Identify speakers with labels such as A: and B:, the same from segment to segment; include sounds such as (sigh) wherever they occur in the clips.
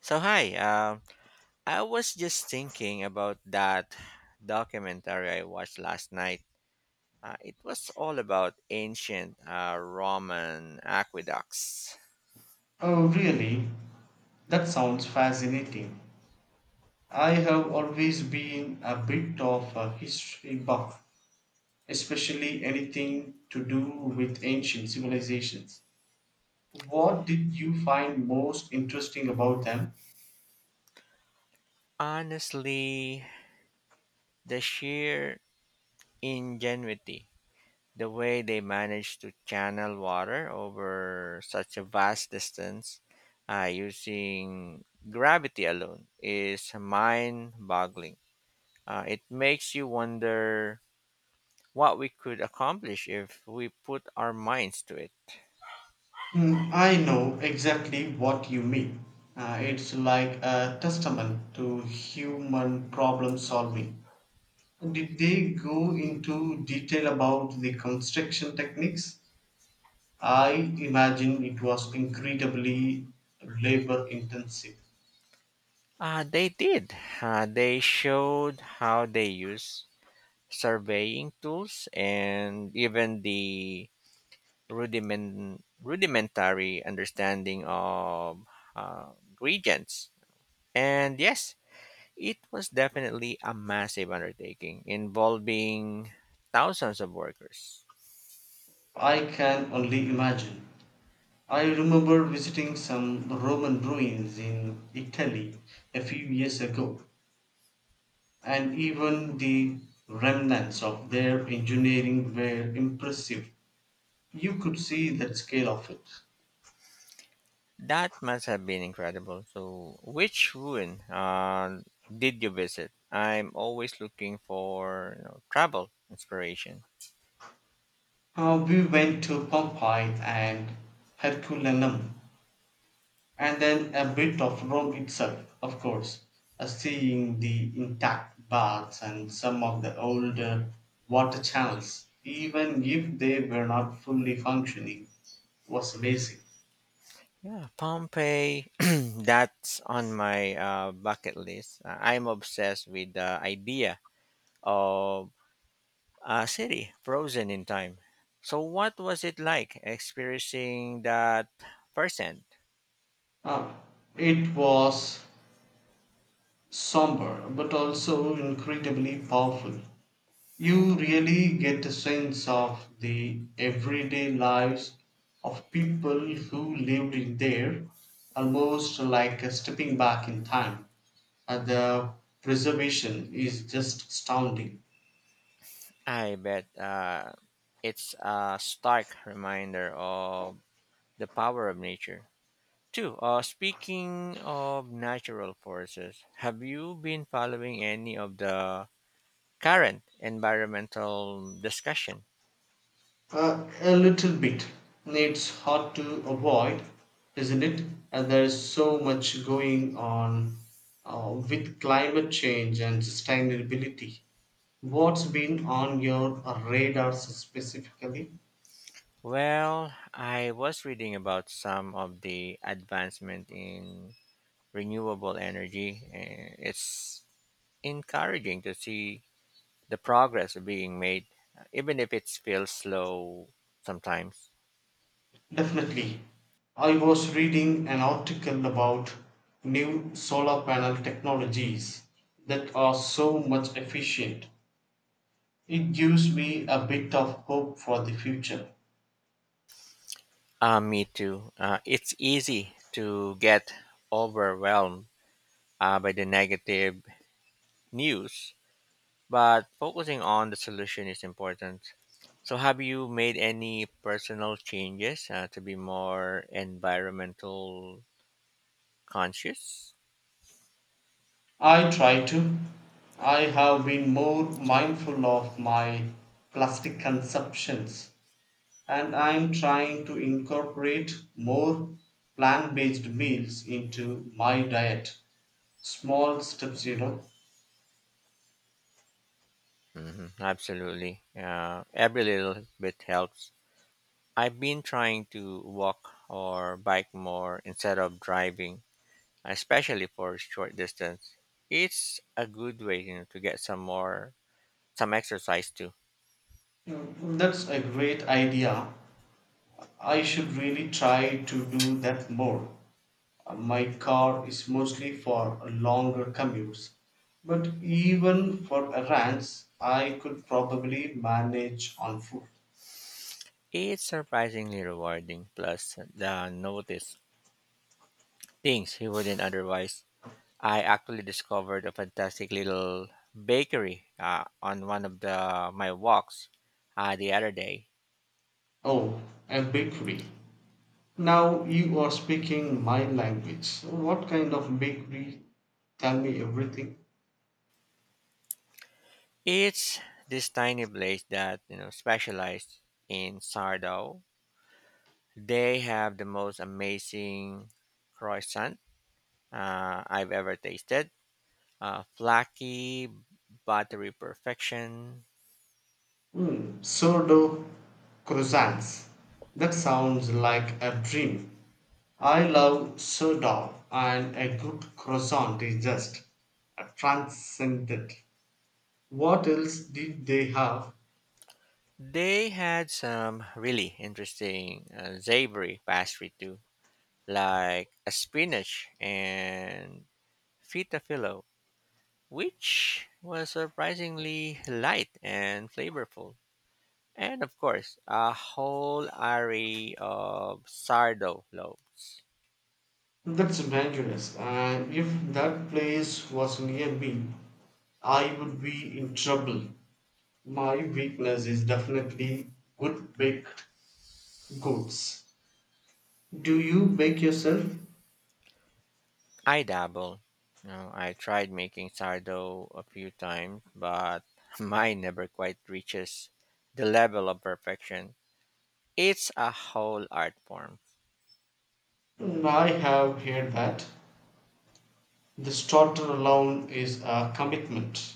A: So hi, um, I was just thinking about that documentary I watched last night. It was all about ancient Roman aqueducts.
B: Oh, really? That sounds fascinating. I have always been a bit of a history buff, especially anything to do with ancient civilizations. What did you find most interesting about them?
A: Honestly, the sheer ingenuity, the way they managed to channel water over such a vast distance using gravity alone, is mind-boggling. It makes you wonder what we could accomplish if we put our minds to it.
B: Hmm, I know exactly what you mean. It's like a testament to human problem solving. Did they go into detail about the construction techniques? I imagine it was incredibly labor intensive.
A: They did. They showed how they use surveying tools and even the rudimentary understanding of uh, regions. And yes, it was definitely a massive undertaking involving thousands of workers.
B: I can only imagine. I remember visiting some Roman ruins in Italy a few years ago, and even the remnants of their engineering were impressive. You could see the scale of it.
A: That must have been incredible. So, which ruin did you visit? I'm always looking for travel inspiration.
B: We went to Pompeii and Herculaneum, and then a bit of Rome itself, of course, seeing the intact baths and some of the older water channels, even if they were not fully functioning, was amazing.
A: Yeah, Pompeii. (clears throat) That's on my bucket list. I'm obsessed with the idea of a city frozen in time. So, what was it like experiencing that firsthand?
B: Uh, it was somber but also incredibly powerful. You really get a sense of the everyday lives of people who lived in there, almost like a stepping back in time. The preservation is just astounding.
A: I bet it's a stark reminder of the power of nature. Two, speaking of natural forces, have you been following any of the current environmental discussion?
B: A little bit. It's hard to avoid, isn't it? And there's so much going on with climate change and sustainability. What's been on your radar specifically?
A: Well, I was reading about some of the advancement in renewable energy, and it's encouraging to see the progress being made, even if it feels slow sometimes.
B: Definitely. I was reading an article about new solar panel technologies that are so much efficient. It gives me a bit of hope for the future.
A: Me too. It's easy to get overwhelmed by the negative news, but focusing on the solution is important. So, have you made any personal changes to be more environmental conscious?
B: I try to. I have been more mindful of my plastic consumptions, and I'm trying to incorporate more plant based meals into my diet. Small steps, you know.
A: Hmm, absolutely. Every little bit helps. I've been trying to walk or bike more instead of driving, especially for short distance. It's a good way, to get some exercise too.
B: Mm, that's a great idea. I should really try to do that more. My car is mostly for longer commutes, but even for errands, I could probably manage on foot.
A: It's surprisingly rewarding. Plus, the notice things he wouldn't otherwise. I actually discovered a fantastic little bakery on one of the my walks the other day.
B: Oh, a bakery. Now you are speaking my language. So what kind of bakery? Tell me everything.
A: It's this tiny place that specialized in sourdough. They have the most amazing croissant I've ever tasted. Flaky buttery perfection.
B: Mm, sourdough croissants. That sounds like a dream. I love sourdough, and a good croissant is just a transcendent. What else did they have?
A: They had some really interesting savory pastry too, like a spinach and feta filo, which was surprisingly light and flavorful. And of course, a whole array of sardo loaves.
B: That's dangerous. And if that place was near me, I would be in trouble. My weakness is definitely good baked goods. Do you bake yourself?
A: I dabble. You know, I tried making sardo a few times, but (laughs) mine never quite reaches the level of perfection. It's a whole art form.
B: Mm, I have heard that. The starter alone is a commitment.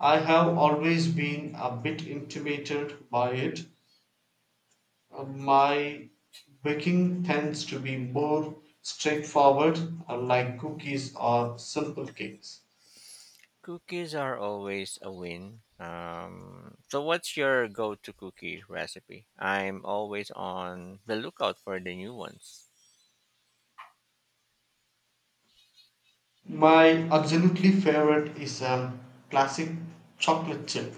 B: I have always been a bit intimidated by it. My baking tends to be more straightforward, like cookies or simple cakes.
A: Cookies are always a win. So, what's your go to cookie recipe? I'm always on the lookout for the new ones.
B: My absolutely favorite is a classic chocolate chip,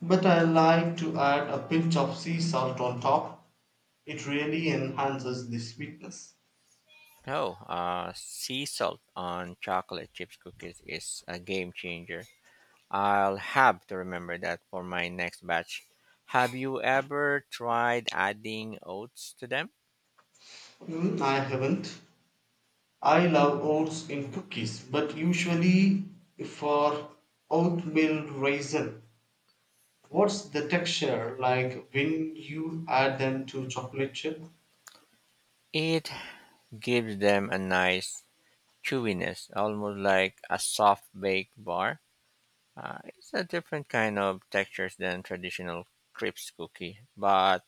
B: but I like to add a pinch of sea salt on top. It really enhances the sweetness.
A: Oh, sea salt on chocolate chips cookies is a game changer. I'll have to remember that for my next batch. Have you ever tried adding oats to them?
B: Mm, I haven't. I love oats in cookies, but usually for oatmeal raisin. What's the texture like when you add them to chocolate chip?
A: It gives them a nice chewiness, almost like a soft baked bar. It's a different kind of textures than traditional crisp cookie, but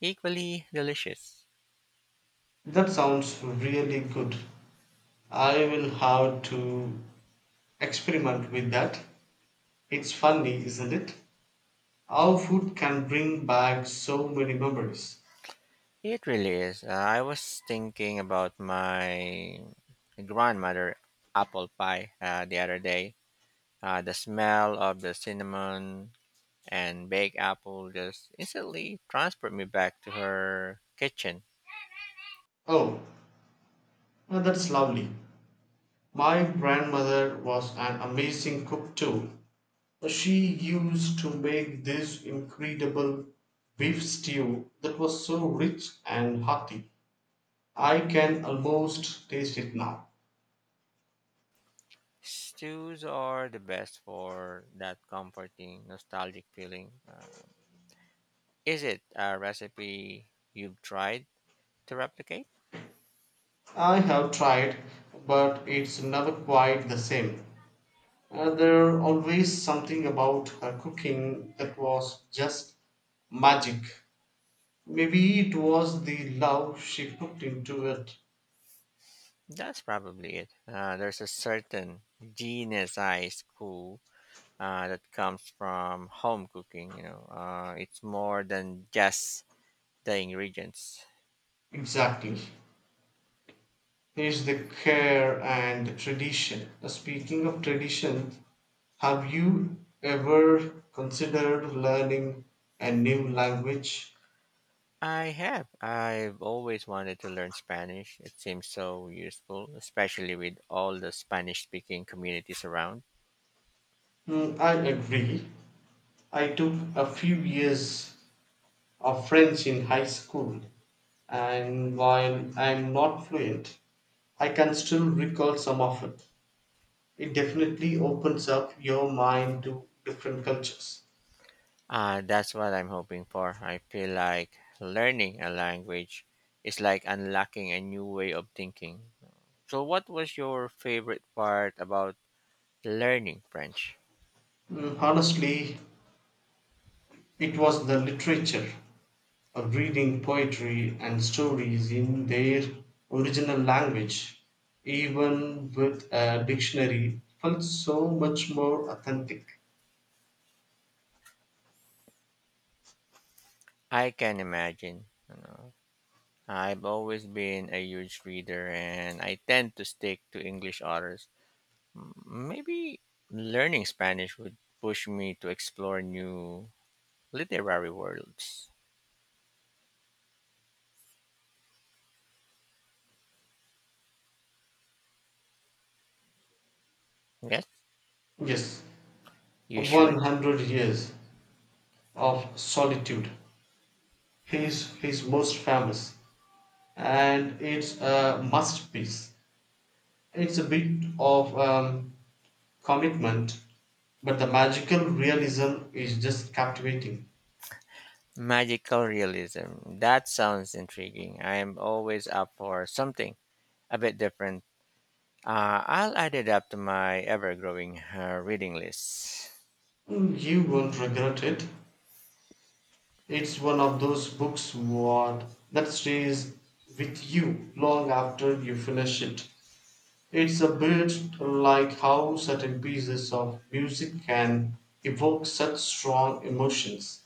A: equally delicious.
B: That sounds really good. I will have to experiment with that. It's funny, isn't it? How food can bring back so many memories.
A: It really is. I was thinking about my grandmother apple pie the other day. The smell of the cinnamon and baked apple just instantly transported me back to her kitchen.
B: Oh, now that's lovely. My grandmother was an amazing cook too. She used to make this incredible beef stew that was so rich and hearty. I can almost taste it now.
A: Stews are the best for that comforting, nostalgic feeling. Is it a recipe you've tried to replicate?
B: I have tried, but it's never quite the same. There always something about her cooking that was just magic. Maybe it was the love she put into it.
A: That's probably it. There's a certain genius I school that comes from home cooking. You know, it's more than just the ingredients.
B: Exactly. Is the care and tradition. Speaking of tradition, have you ever considered learning a new language?
A: I have. I've always wanted to learn Spanish. It seems so useful, especially with all the Spanish speaking communities around.
B: Hmm, I agree. I took a few years of French in high school, and while I'm not fluent, I can still recall some of it. It definitely opens up your mind to different cultures.
A: That's what I'm hoping for. I feel like learning a language is like unlocking a new way of thinking. So, what was your favorite part about learning French?
B: Mm, honestly, it was the literature of reading poetry and stories in their original language, even with a dictionary, felt so much more authentic.
A: I can imagine. You know, I've always been a huge reader and I tend to stick to English authors. Maybe learning Spanish would push me to explore new literary worlds. Yes,
B: Yes,
A: you should.
B: 100 Years of Solitude is his most famous, and it's a masterpiece. It's a bit of commitment, but the magical realism is just captivating.
A: Magical realism. That sounds intriguing. I am always up for something a bit different. I'll add it up to my ever growing reading list.
B: You won't regret it. It's one of those books what that stays with you long after you finish it. It's a bit like how certain pieces of music can evoke such strong emotions.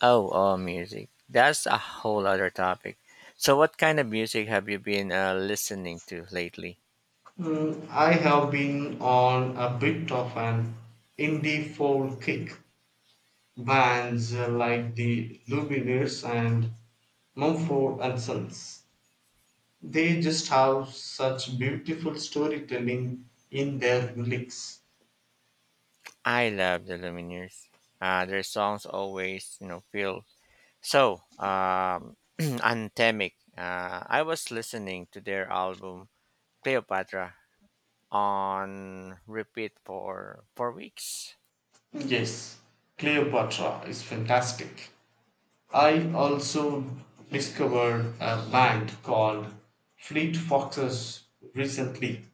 A: Oh, music. That's a whole other topic. So, what kind of music have you been listening to lately?
B: Mm, I have been on a bit of an indie folk kick. Bands like the Lumineers and Mumford and Sons. They just have such beautiful storytelling in their lyrics.
A: I love the Lumineers. Their songs always, feel so (clears throat) anthemic. I was listening to their album Cleopatra on repeat for 4 weeks.
B: Yes, Cleopatra is fantastic. I also discovered a band called Fleet Foxes recently.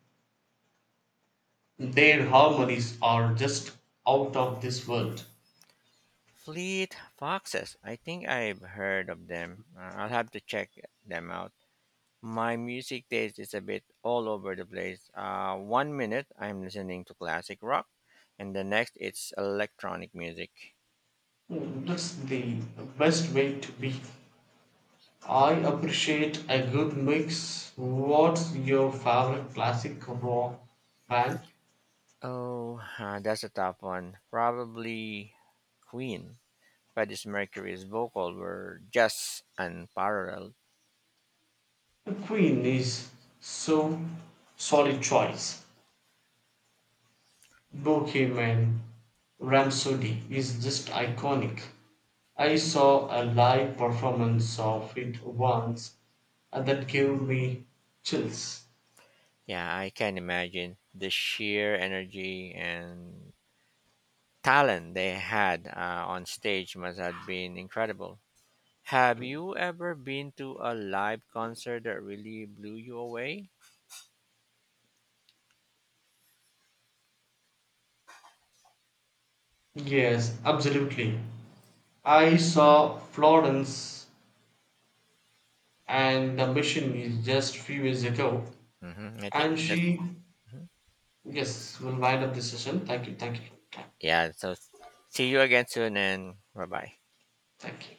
B: Their harmonies are just out of this world.
A: Fleet foxes. I think I've heard of them. I'll have to check them out. My music taste is a bit all over the place. One minute I'm listening to classic rock, and the next it's electronic music.
B: That's the best way to be. I appreciate a good mix. What's your favorite classic rock band?
A: Oh, that's a tough one. Probably Queen. Freddie Mercury's vocal were just unparalleled.
B: Queen is so solid choice. Bohemian Rhapsody is just iconic. I saw a live performance of it once and that gave me chills.
A: Yeah, I can imagine the sheer energy and talent they had on stage must have been incredible. Have you ever been to a live concert that really blew you away?
B: Yes, absolutely. I saw Florence and the Machine is just few years ago,
A: Hmm. I think
B: and
A: that's
B: she,
A: mm-hmm.
B: yes, will wind up this session. Thank you, thank you,
A: Yeah. So see you again soon, and bye bye.
B: thank you.